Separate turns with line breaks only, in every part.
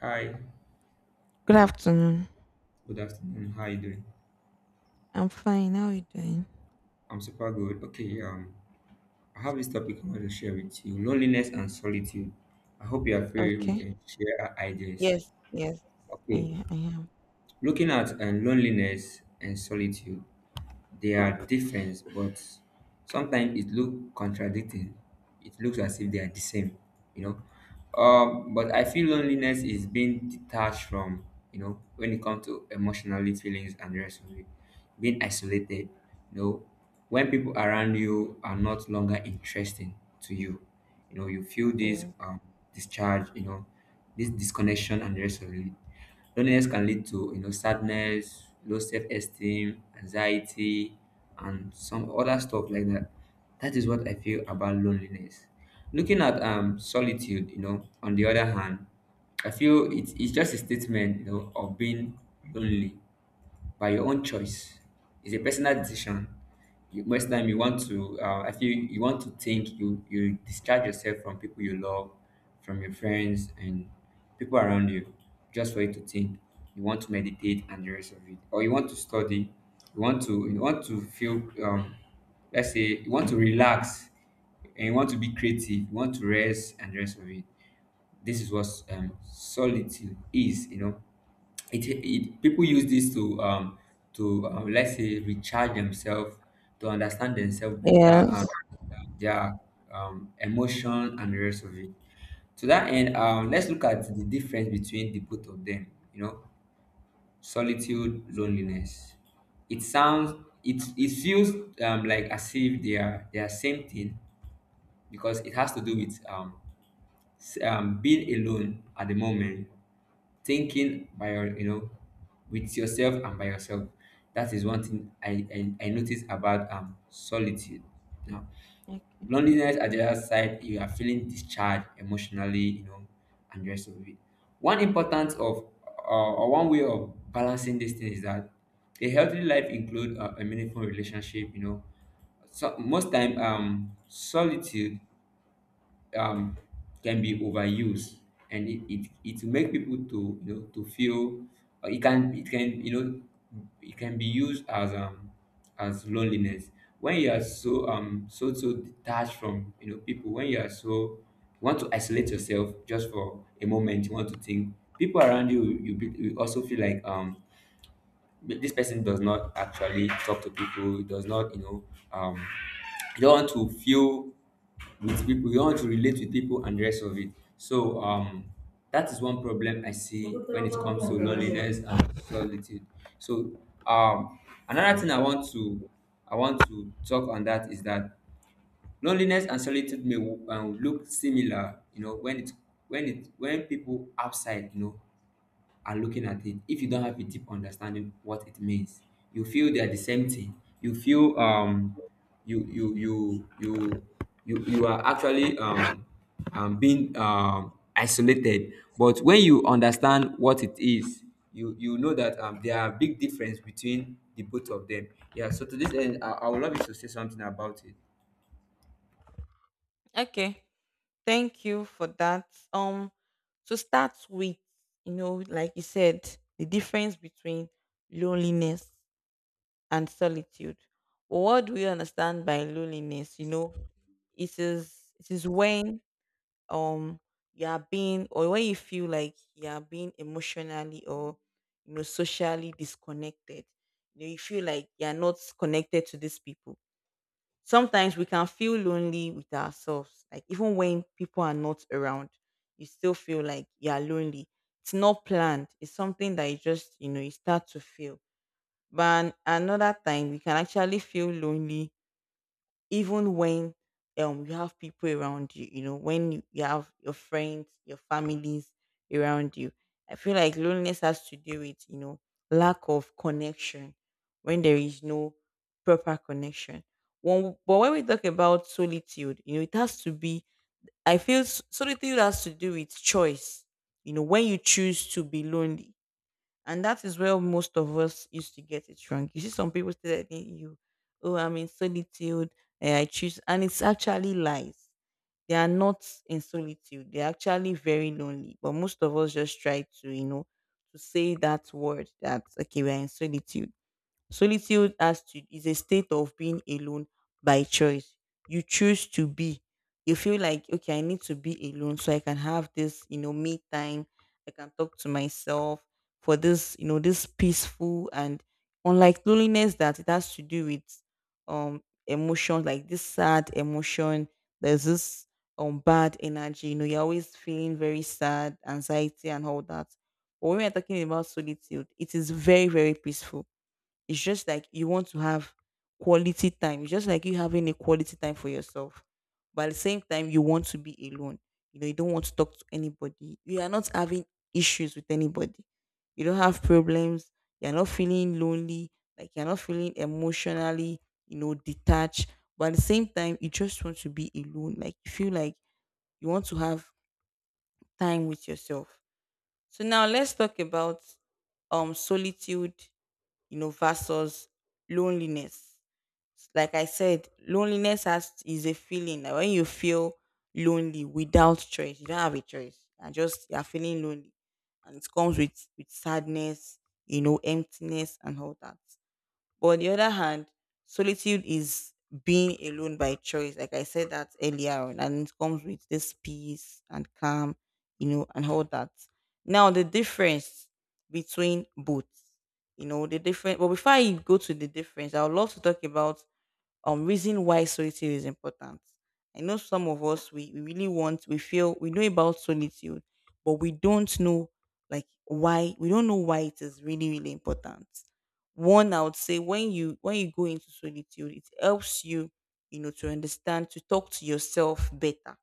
Hi,
Good afternoon.
good afternoon. How are you doing?
I'm fine. How are you doing?
I'm super good. Okay, I have this topic I want to share with you: loneliness and solitude. I hope you are free. We
Okay.
can share our ideas.
Yes. Yes.
Okay,
I am.
looking at loneliness and solitude. They are different, but sometimes it look contradicting. It looks as if they are the same. But I feel loneliness is being detached from, when it comes to emotionally feelings and the rest of it, being isolated, you know, when people around you are not longer interesting to you, you feel this
Yes.
discharge, this disconnection and the rest of it. Loneliness can lead to sadness, low self-esteem, anxiety, and some other stuff like that. That is what I feel about loneliness. Looking at solitude, on the other hand, I feel it's just a statement, of being lonely by your own choice. It's a personal decision. You, most time, you want to, I feel, you want to think. You discharge yourself from people you love, from your friends and people around you, just for you to think. You want to meditate and the rest of it, or you want to study. You want to feel, let's say you want to relax, and you want to be creative, you want to rest and the rest of it. This is what solitude is. It people use this to let's say recharge themselves, to understand themselves better, and
Yes.
their emotion and the rest of it. To that end, let's look at the difference between the both of them you know Solitude, loneliness, it sounds, it feels, like as if they are same thing, because it has to do with, being alone at the moment, thinking by your you know with yourself and by yourself. That is one thing I noticed about solitude. Now
Okay.
loneliness at the other side, you are feeling discharged emotionally, and the rest of it. One importance of, or one way of balancing this thing, is that a healthy life include, a meaningful relationship. So most time, solitude um, can be overused, and it will make people to, feel, it can, it can be used as as loneliness. When you are so, detached from, people, when you are so you want to isolate yourself just for a moment, you want to think people around you also feel like, this person does not actually talk to people, does not, um you don't want to feel with people, you want to relate with people and the rest of it. So, that is one problem I see when it comes to loneliness and solitude. So, um another thing I want to, talk on, that is that loneliness and solitude may, look similar, you know, when people outside, are looking at it. If you don't have a deep understanding what it means, you feel they are the same thing. You feel, you you you you you are actually, being isolated. But when you understand what it is, you know that, there are big difference between the both of them. Yeah. So to this end, I would love you to say something about it.
Okay. Thank you for that. Um, to start with, you know, like you said, the difference between loneliness and solitude. What do we understand by loneliness? You know, it is when um you are being, or when you feel like you are being emotionally or, you know, socially disconnected. You know, you feel like you're not connected to these people. Sometimes we can feel lonely with ourselves, like even when people are not around, you still feel like you are lonely. It's not planned, it's something that you just, you know, you start to feel. But another time we can actually feel lonely even when you have people around you, you know, when you have your friends, your families around you. I feel like loneliness has to do with, you know, lack of connection, when there is no proper connection. When, but when we talk about solitude, you know, it has to be, I feel solitude has to do with choice. You know, when you choose to be lonely. And that is where most of us used to get it wrong. You see, some people still telling you, oh, I'm in solitude. I choose. And it's actually lies. They are not in solitude. They're actually very lonely. But most of us just try to, you know, to say that word that, okay, we're in solitude. Solitude as to is a state of being alone by choice. You choose to be. You feel like, okay, I need to be alone so I can have this, you know, me time. I can talk to myself for this, you know, this peaceful and, unlike loneliness, that it has to do with emotions, like this sad emotion. There's this bad energy. You know, you're always feeling very sad, anxiety, and all that. But when we're talking about solitude, it is very, very peaceful. It's just like you want to have quality time. It's just like you having a quality time for yourself. But at the same time, you want to be alone. You know, you don't want to talk to anybody. You are not having issues with anybody. You don't have problems. You're not feeling lonely. Like you're not feeling emotionally, you know, detached. But at the same time, you just want to be alone. Like you feel like you want to have time with yourself. So now let's talk about solitude, you know, versus loneliness. Like I said, loneliness has is a feeling. Like when you feel lonely without choice, you don't have a choice. And just you're feeling lonely. And it comes with sadness, you know, emptiness and all that. But on the other hand, solitude is being alone by choice. Like I said that earlier on, and it comes with this peace and calm, you know, and all that. Now the difference between both, you know, the difference. But before I go to the difference, I would love to talk about reason why solitude is important. I know some of us we really want, we feel we know about solitude, but we don't know, like, why we don't know why it is really, really important. One, I would say when you go into solitude, it helps you, you know, to understand, to talk to yourself better.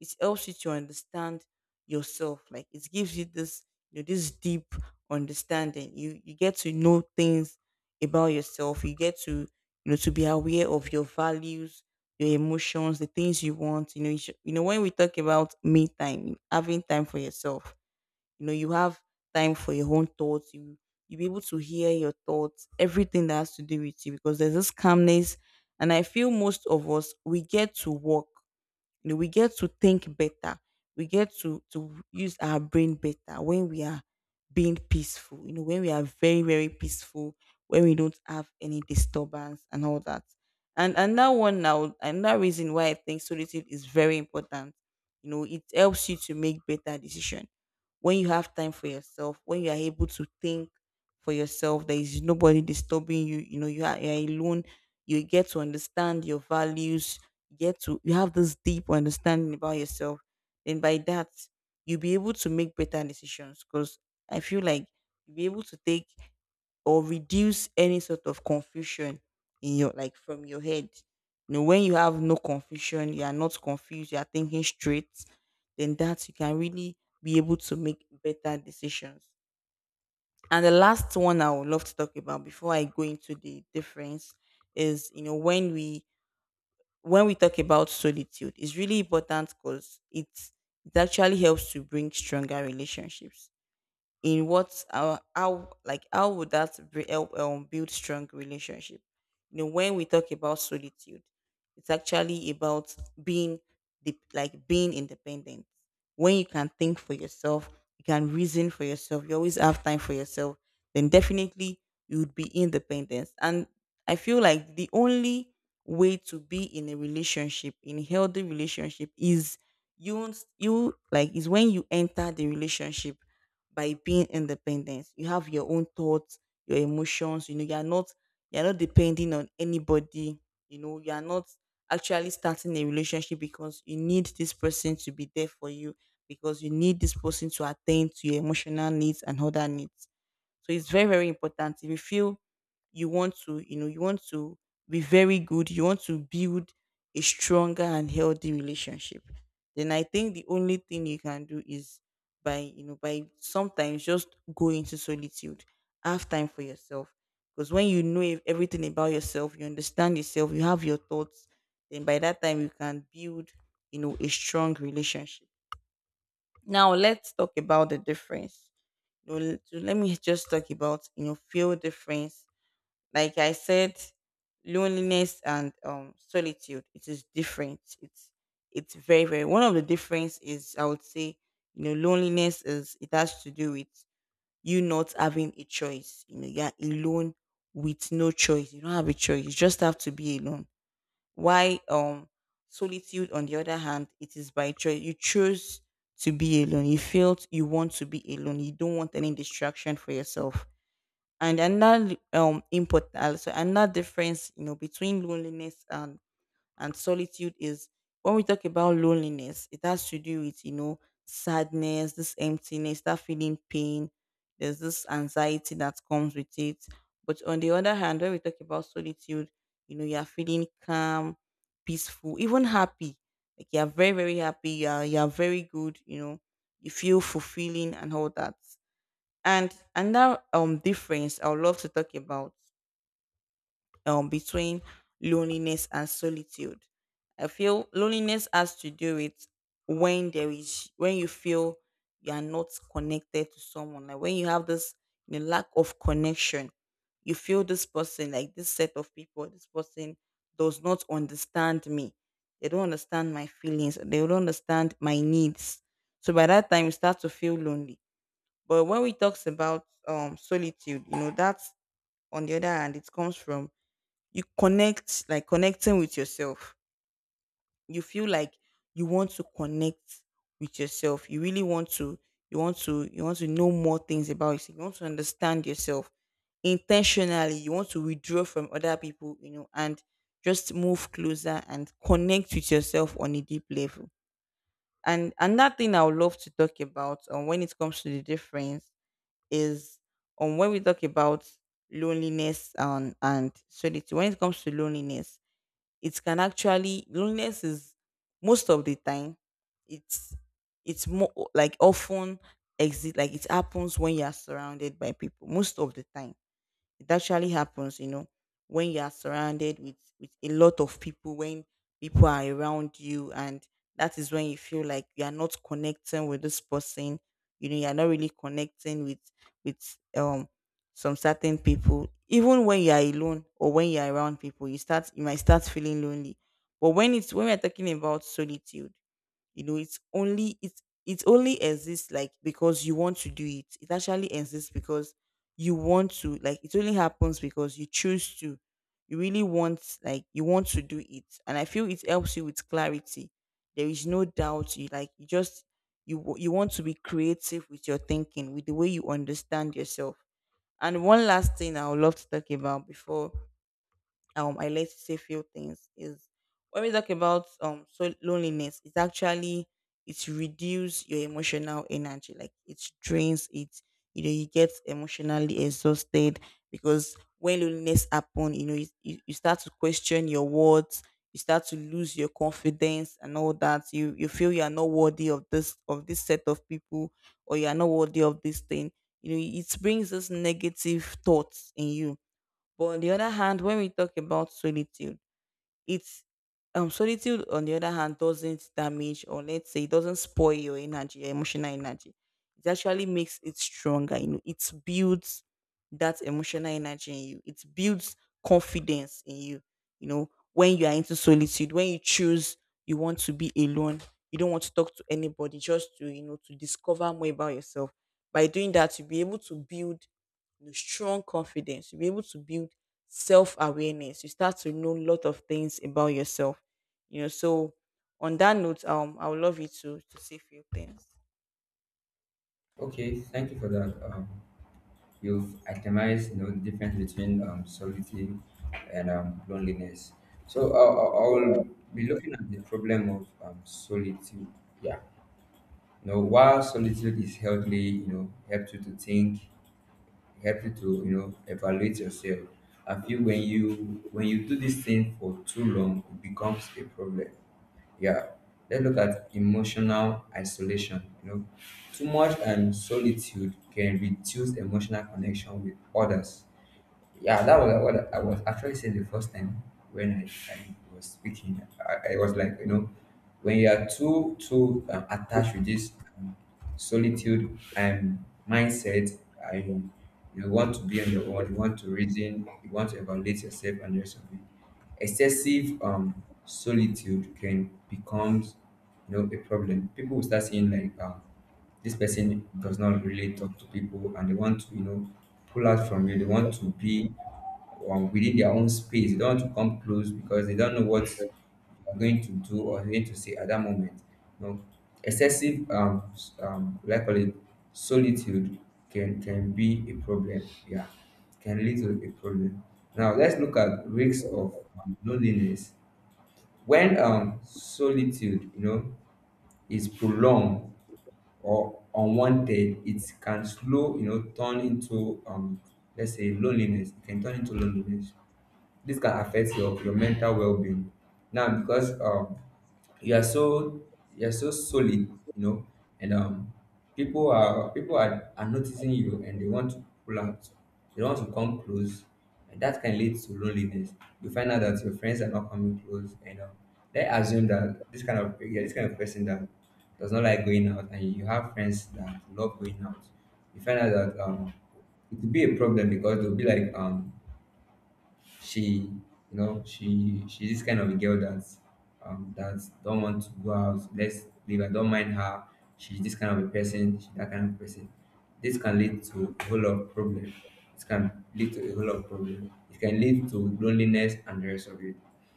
It helps you to understand yourself, like it gives you this, you know, this deep understanding. You get to know things about yourself. You get to, you know, to be aware of your values, your emotions, the things you want. You know, you, should, you know, when we talk about me time, having time for yourself, you know, you have time for your own thoughts. You be able to hear your thoughts, everything that has to do with you, because there's this calmness. And I feel most of us we get to work, you know, we get to think better. We get to use our brain better when we are being peaceful. You know, when we are very, very peaceful, when we don't have any disturbance and all that. And another one now, another reason why I think solitude is very important. You know, it helps you to make better decisions. When you have time for yourself, when you are able to think for yourself, there is nobody disturbing you, you know, you are, alone, you get to understand your values, you get to, you have this deep understanding about yourself. Then by that you'll be able to make better decisions. Because I feel like you'll be able to take or reduce any sort of confusion in your, like, from your head. You know, when you have no confusion, you are not confused, you are thinking straight, then that you can really be able to make better decisions. And the last one I would love to talk about before I go into the difference is, you know, when we talk about solitude, it's really important, because it actually helps to bring stronger relationships. In what, our, how, like, how would that help build strong relationship. You know, when we talk about solitude, it's actually about being the, like, being independent. When you can think for yourself, you can reason for yourself, you always have time for yourself, then definitely you would be independent. And I feel like the only way to be in a relationship, in a healthy relationship, is you, like, is when you enter the relationship by being independent. You have your own thoughts, your emotions, you know, you're not depending on anybody. You know, you're not actually starting a relationship because you need this person to be there for you, because you need this person to attend to your emotional needs and other needs. So it's very, very important. If you feel you want to, be very good, you want to build a stronger and healthy relationship, then I think the only thing you can do is by sometimes just go into solitude, have time for yourself. Because when you know everything about yourself, you understand yourself, you have your thoughts, then by that time you can build, you know, a strong relationship. Now let's talk about the difference. You know, so let me just talk about, you know, feel difference. Like I said, loneliness and solitude. It is different. It's very, very, one of the difference is, I would say, you know, loneliness is it has to do with you not having a choice. You know, you're alone with no choice. You don't have a choice. You just have to be alone. Why solitude, on the other hand, it is by choice. You choose to be alone. You felt you want to be alone. You don't want any distraction for yourself. And another important, also another difference, you know, between loneliness and solitude is, when we talk about loneliness, it has to do with, you know, sadness, this emptiness, that feeling, pain, there's this anxiety that comes with it. But on the other hand, when we talk about solitude, you know, you're feeling calm, peaceful, even happy. Like, you're very, very happy, you're very good, you know. You feel fulfilling and all that. And another difference I would love to talk about, between loneliness and solitude. I feel loneliness has to do with, when there is when you feel you are not connected to someone. Like when you have this, you know, lack of connection, you feel this person, like this set of people, this person does not understand me. They don't understand my feelings. They don't understand my needs. So by that time, you start to feel lonely. But when we talks about solitude, that's on the other hand, it comes from you connect like connecting with yourself. You feel like you want to connect with yourself. You really want to you want to you want to know more things about yourself. You want to understand yourself. Intentionally, you want to withdraw from other people, and just move closer and connect with yourself on a deep level. And another thing I would love to talk about, when it comes to the difference is, when we talk about loneliness and solitude, when it comes to loneliness, it can actually loneliness is, most of the time, it's it's more like often exist, like it happens when you are surrounded by people most of the time. It actually happens, when you are surrounded with a lot of people, when people are around you, and that is when you feel like you are not connecting with this person. You know, you are not really connecting with with um some certain people. Even when you are alone or when you are around people, you might start feeling lonely. But when we're talking about solitude, it only exists, like, because you want to do it. It actually exists because you want to, like, it only happens because you choose to. You really want, like, you want to do it. And I feel it helps you with clarity. There is no doubt. You you want to be creative with your thinking, with the way you understand yourself. And one last thing I would love to talk about before, I like to say few things, is when we talk about, loneliness. It's actually it reduce your emotional energy, like it drains it. You know, you get emotionally exhausted, because when loneliness happen, you start to question your words. You start to lose your confidence and all that. You feel you are not worthy of this, set of people, or you are not worthy of this thing. You know, it brings this negative thoughts in you. But on the other hand, when we talk about solitude, it's solitude on the other hand doesn't damage, or let's say it doesn't spoil, your energy, your emotional energy. It actually makes it stronger. You know, it builds that emotional energy in you. It builds confidence in you. You know, when you are into solitude, when you choose you want to be alone, you don't want to talk to anybody, just to, to discover more about yourself. By doing that, you'll be able to build, strong confidence. You'll be able to build self awareness. You start to know a lot of things about yourself. You know, so on that note, I would love you to say a few things.
Okay. Thank you for that. You've itemized, the difference between, solitude and, loneliness. So I will be looking at the problem of, solitude. Yeah, while solitude is healthy, helps you to think, helps you to, evaluate yourself. I feel, when you, do this thing for too long, it becomes a problem. Yeah. Let's look at emotional isolation. Too much, solitude can reduce emotional connection with others. Yeah, that was what I was actually saying the first time, when I was speaking. I was like, when you are too too attached with this, um, solitude and mindset, I want to be on your own. You want to reason. You want to evaluate yourself and the rest of it. Excessive solitude can becomes, a problem. People will start seeing like, this person does not really talk to people, and they want to, pull out from you, they want to be, within their own space, they don't want to come close, because they don't know what you're going to do or going to say at that moment you know Excessive like, call it, solitude, can be a problem. Yeah, can lead to a problem. Now let's look at risks of, loneliness. When, solitude, is prolonged or unwanted, it can slow, turn into, let's say, loneliness. It can turn into loneliness. This can affect your mental well-being now, because, you are so you're so solid, and, people are noticing you, and they want to pull out, they want to come close, and that can lead to loneliness. You find out that your friends are not coming close, and, they assume that this kind of, yeah, this kind of person that does not like going out. And you have friends that love going out. You find out that, it will be a problem, because they'll be like, she you she's this kind of a girl that, don't want to go out, let's leave her, don't mind her. She's this kind of a person, she's that kind of person. This can lead to a whole lot of problem. It can lead to a whole lot of problem, it can lead to loneliness and the rest of it.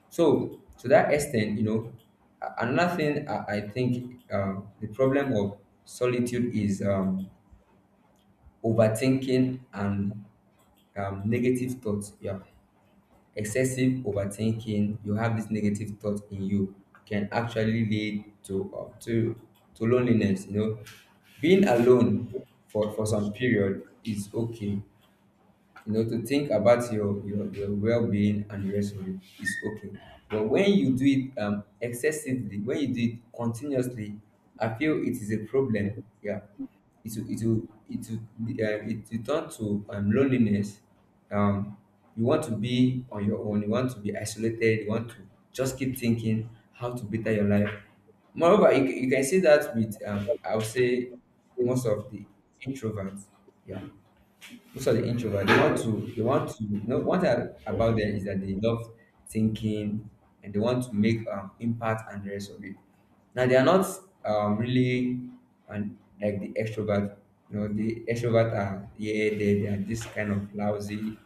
So, to that extent, another thing I think, the problem of solitude is, overthinking and, negative thoughts. Yeah. Excessive overthinking, you have this negative thought in you, can actually lead to loneliness, being alone for some period is okay. To think about your well-being and the rest of it is okay. But when you do it, excessively, when you do it continuously, I feel it is a problem. Yeah. it will it will it will, it will turn to, loneliness. um you want to be on your own, you want to be isolated, you want to just keep thinking how to better your life. Moreover, you can see that, with, I would say most of the introverts. Yeah. Most of the introvert, they want to you know one thing about them is that they love thinking, and they want to make, impact and the rest of it. Now they are not, really, and like the extrovert, the extrovert are, yeah, they are this kind of lousy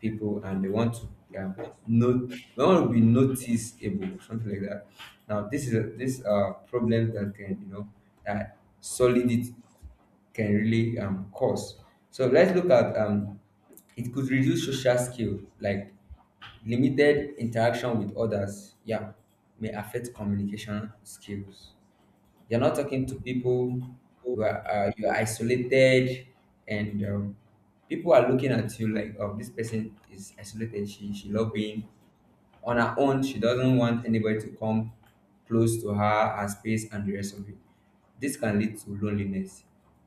people, and they want to, um, not, they want to be noticeable, something like that. Now this is a, this problem that can, that solid it can really, cause. So let's look at, it could reduce social skill, like limited interaction with others. Yeah, may affect communication skills. You're not talking to people. You are isolated, and, people are looking at you like, oh, this person is isolated. She love being on her own, she doesn't want anybody to come close to her, her space, and the rest of it. This can lead to loneliness.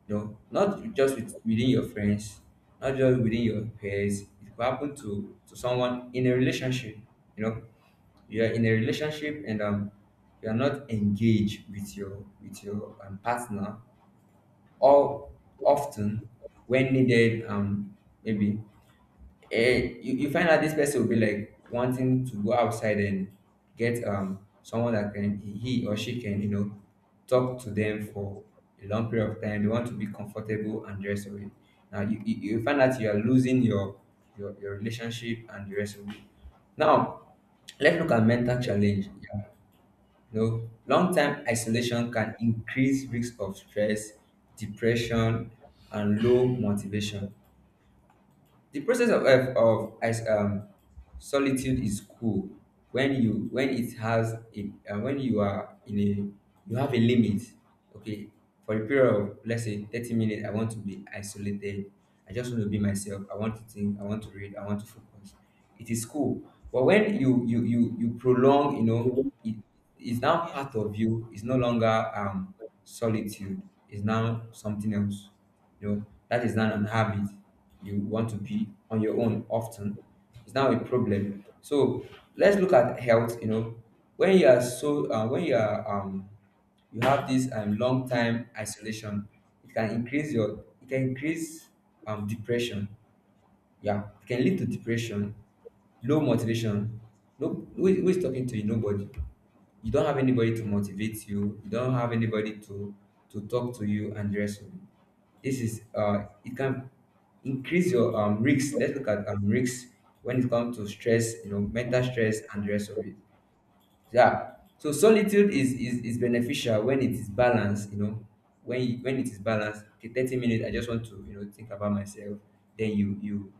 Not just within your friends, not just within your peers. It could happen to someone in a relationship. You know, you are in a relationship and, you are not engaged with your partner, or often when needed. Maybe, you find out this person will be like wanting to go outside and get someone that can he or she can you know talk to them for a long period of time. They want to be comfortable and the rest of it. Now you find out you are losing your relationship and the rest of it. Now let's look at mental challenge. Yeah. Long term isolation can increase risk of stress, depression, and low motivation. The process of solitude is cool when it has a when you are in a you have a limit. Okay, for a period of let's say 30 minutes, I want to be isolated. I just want to be myself. I want to think. I want to read. I want to focus. It is cool. But when you prolong, it it's now part
Yes.
of you. It's no longer solitude. It's now something else, you know, that is now an habit. You want to be on your own often. It's now a problem. So let's look at health, you know. When you are so when you are you have this long time isolation, it can increase your it can increase depression. Yeah, it can lead to depression, low motivation. No, who is talking to you? Nobody. You don't have anybody to motivate you. You don't have anybody to talk to you, and the rest of it. This is it can increase your risks. Let's look at risks when it comes to stress, you know, mental stress and the rest of it. Yeah. So solitude is beneficial when it is balanced, you know. When when it is balanced, the 30 minutes I just want to, think about myself. Then you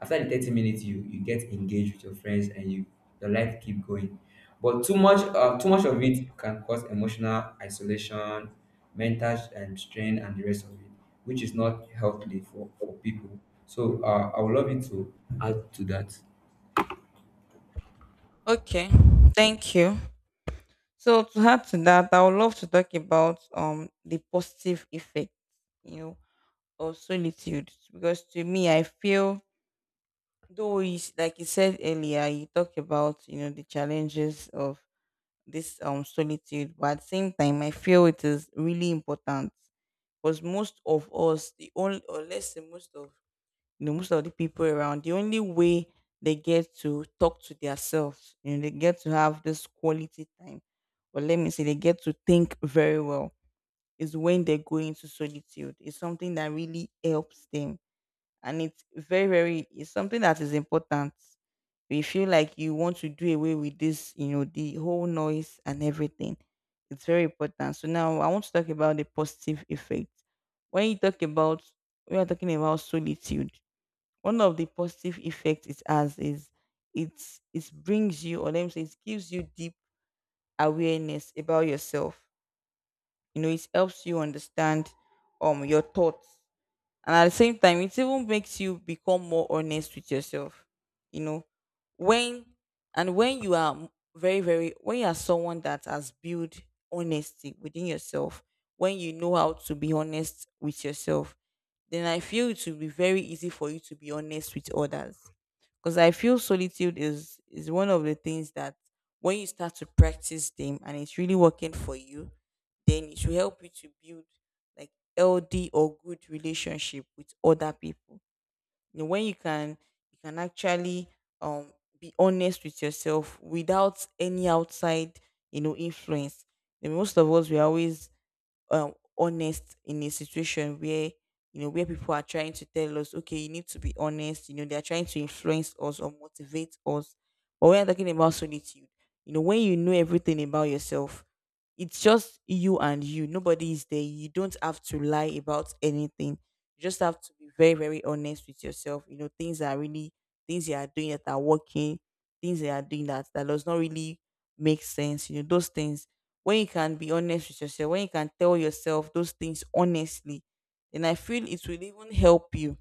after the 30 minutes you get engaged with your friends, and your life keep going. But too much of it can cause emotional isolation, mental and strain and the rest of it, which is not healthy for people. So I would love you to add to that.
Okay. Thank you. So to add to that, I would love to talk about the positive effect, you know, of solitude. Because to me, I feel, though you, like you said earlier, you talked about, the challenges of this solitude, but at the same time I feel it is really important, because most of us, the only, or let's say most of, most of the people around, the only way they get to talk to themselves, they get to have this quality time, or let me say they get to think very well, is when they go into solitude. It's something that really helps them, and it's very very, it's something that is important. You feel like you want to do away with this, you know, the whole noise and everything. It's very important. So now I want to talk about the positive effect. When you talk about we are talking about solitude, one of the positive effects it has is, it brings you, or let me say it gives you, deep awareness about yourself. You know, it helps you understand your thoughts, and at the same time it even makes you become more honest with yourself. You know, when and when you are very very, when you are someone that has built honesty within yourself, when you know how to be honest with yourself, then I feel it will be very easy for you to be honest with others, because I feel solitude is one of the things that, when you start to practice them and it's really working for you, then it will help you to build, like, healthy or good relationship with other people. You know, when you can actually um be honest with yourself without any outside, influence. And most of us, we are always honest in a situation where, where people are trying to tell us, okay, you need to be honest. You know, they're trying to influence us or motivate us. But when you're talking about solitude, when you know everything about yourself, it's just you and you. Nobody is there. You don't have to lie about anything. You just have to be very very honest with yourself. Things that are really, things you are doing that are working, things you are doing that does not really make sense. Those things, when you can be honest with yourself, when you can tell yourself those things honestly, then I feel it will even help you,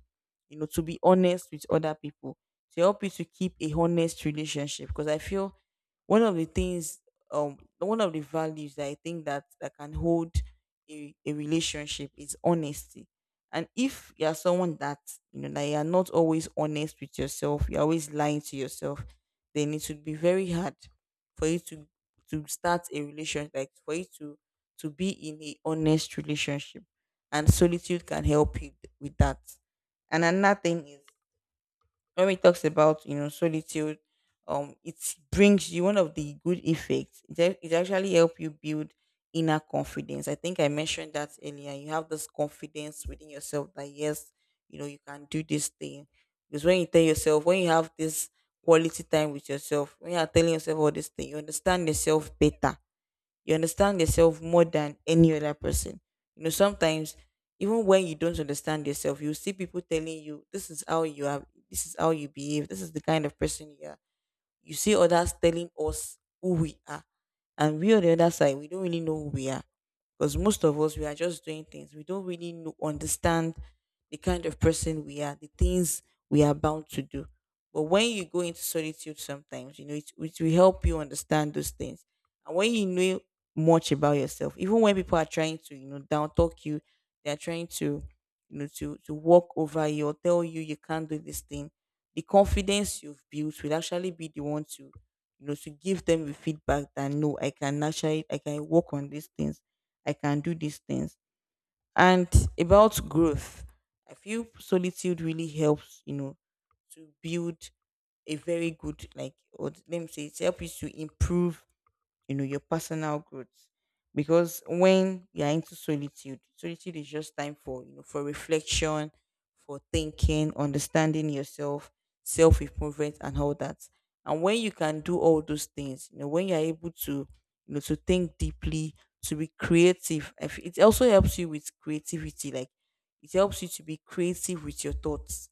you know, to be honest with other people, to help you to keep a honest relationship. Because I feel one of the things, one of the values that I think that can hold a relationship is honesty. And if you are someone that, that you are not always honest with yourself, you're always lying to yourself, then it would be very hard for you to start a relationship, like for you to be in a honest relationship, and solitude can help you with that. And another thing is, when we talks about, solitude, it brings you one of the good effects. It actually help you build inner confidence. I think I mentioned that earlier. You have this confidence within yourself that, yes, you know you can do this thing. Because when you tell yourself, when you have this quality time with yourself, when you are telling yourself all this thing, you understand yourself better. You understand yourself more than any other person. You know, sometimes even when you don't understand yourself, you see people telling you this is how you are, this is how you behave, this is the kind of person you are. You see others telling us who we are, and we on the other side, we don't really know who we are, because most of us, we are just doing things. We don't really know, understand, the kind of person we are, the things we are bound to do. But when you go into solitude sometimes, it will help you understand those things. And when you know much about yourself, even when people are trying to, down talk you, they are trying to, to walk over you, or tell you you can't do this thing, the confidence you've built will actually be the one to, to give them the feedback that, no, I can work on these things. I can do these things. And about growth, I feel solitude really helps, you know, to build a very good, like, or let me say it helps you to improve, your personal growth. Because when you're into solitude, solitude is just time for, for reflection, for thinking, understanding yourself, self improvement and all that. And when you can do all those things, when you're able to, to think deeply, to be creative, it also helps you with creativity, like it helps you to be creative with your thoughts.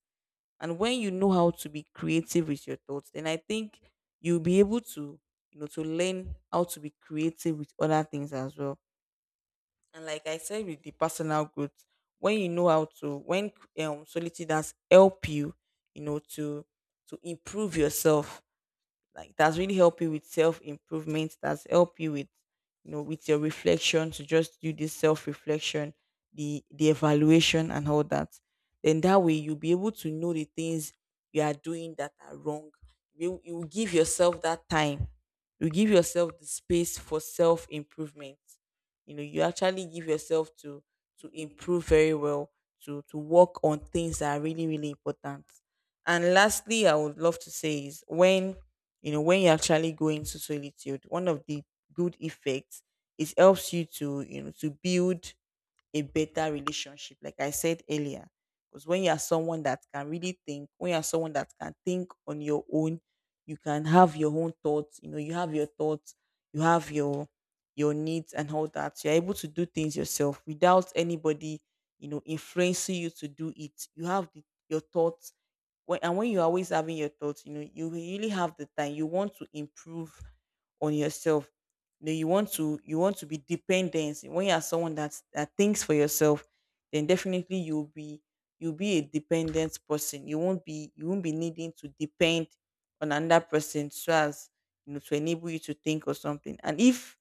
And when you know how to be creative with your thoughts, then I think you'll be able to, you know, to learn how to be creative with other things as well. And like I said, with the personal growth, when solitude does help you, you know, to improve yourself, like that's really help you with self improvement, that's help you with, with your reflection, to just do this self reflection, the evaluation and all that. Then that way you'll be able to know the things you are doing that are wrong. You will give yourself that time. You give yourself the space for self improvement. You actually give yourself to improve very well, to work on things that are really really important. And lastly, I would love to say is, when, when you actually go into solitude, one of the good effects is, helps you to, to build a better relationship, like I said earlier. Because when you are someone that can really think, when you are someone that can think on your own, you can have your own thoughts, you know, you have your thoughts, you have your needs and all that. You're able to do things yourself without anybody, you know, influencing you to do it. You have your thoughts when, and when you're always having your thoughts, you know, you really have the time. You want to improve on yourself. Then you want to be dependent. When you are someone that thinks for yourself, then definitely you'll be a dependent person. You won't be needing to depend on another person so as, to enable you to think or something. And if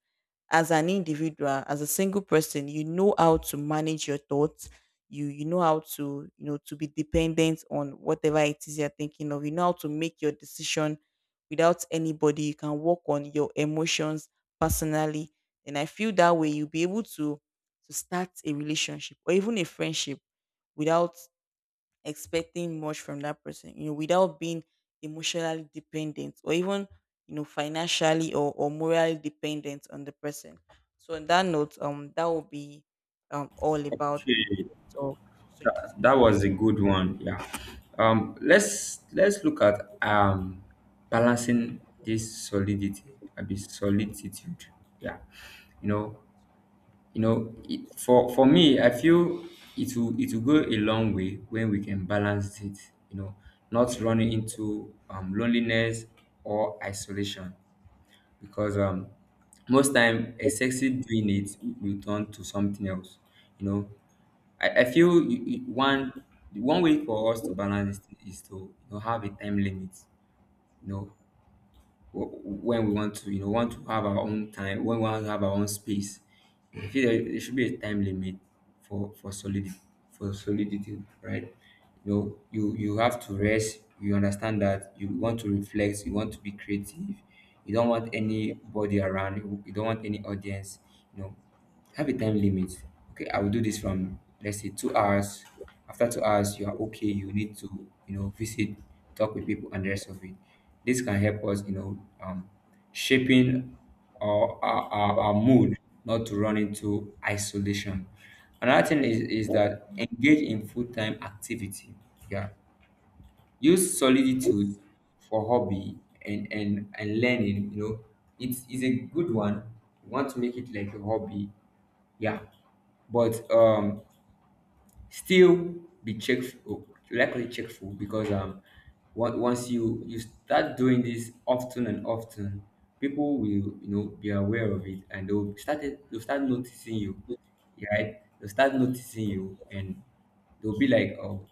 as an individual, as a single person, you know how to manage your thoughts. You know how to, to be dependent on whatever it is you're thinking of. You know how to make your decision without anybody. You can work on your emotions personally. And I feel that way you'll be able to start a relationship or even a friendship, without expecting much from that person, you know, without being emotionally dependent, or even, you know, financially or morally dependent on the person. So on that note, that will be all about
Okay.
of solitude.
That was a good one, yeah. Let's look at balancing this solidity. I mean solitude. Yeah, you know. For me, I feel it will go a long way when we can balance it, you know, not running into loneliness or isolation. Because most time excessive doing it will turn to something else, you know. I feel one way for us to balance is to, you know, have a time limit. You know, when we want to, you know, want to have our own time, when we want to have our own space. I feel there should be a time limit for for solidity, for solidity, right? You know, you have to rest. You understand that you want to reflect. You want to be creative. You don't want
Yeah.
anybody around. You don't want any audience. You know, have a time limit. Okay, I will do this from, let's say, 2 hours. After 2 hours, you are okay. You need to, you know, visit, talk with people, and the rest of it. This can help us, you know, shaping our mood not to run into isolation. Another thing is that engage in full time activity. Yeah, use solitude for hobby and learning. You know, it's a good one. You want to make it like a hobby, yeah. But still be cheerful, likely checkful, because once you start doing this often and often, people will, you know, be aware of it, and they'll start noticing you, right? They'll start noticing you, and they'll be like, oh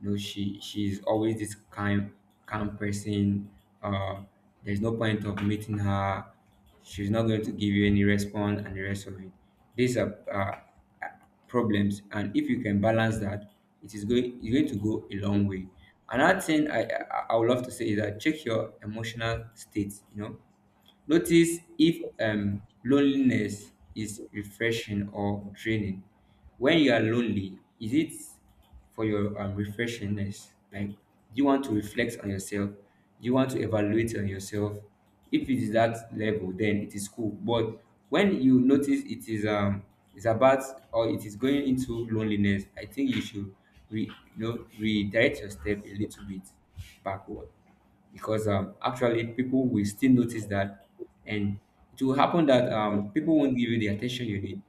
no, she's always this kind calm person. uh there's no point of meeting her. She's not going to give you any response and the rest of it. These are problems, and if you can balance that, it's going to go a long way. Another thing, I would love to say, is that check your emotional state, you know. Notice if loneliness is refreshing or draining. When you are lonely, is it for your refreshingness? Like, do you want to reflect on yourself? Do you want to evaluate on yourself? If it is that level, then it is cool. But when you notice it is it's about, or it is going into loneliness, I think you should re, you know, redirect your step a little bit backward. Because actually people will still notice that, and it will happen that people won't give you the attention you need.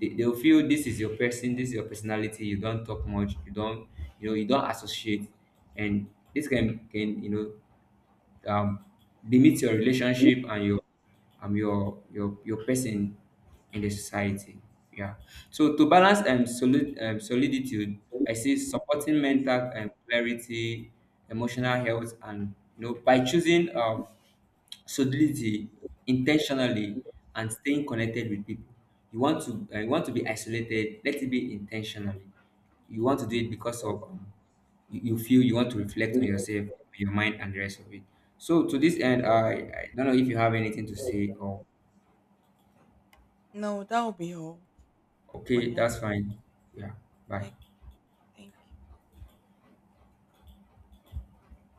They'll feel this is your person this is your personality. You don't talk much. You don't, you know, you don't associate. And this can, you know, um, limit your relationship and your your person in the society. Yeah. So to balance soliditude, I see supporting mental clarity, emotional health, and, you know, by choosing solidity in ten and staying connected with people. You want to you want to be isolated. Let it be intentionally. You want to do it because of you feel you want to reflect on yourself, your mind and the rest of it. So to this end, I don't know if you have anything to say, or
No, that will be all for
okay, that's
now.
fine. Yeah, bye.
Okay, thank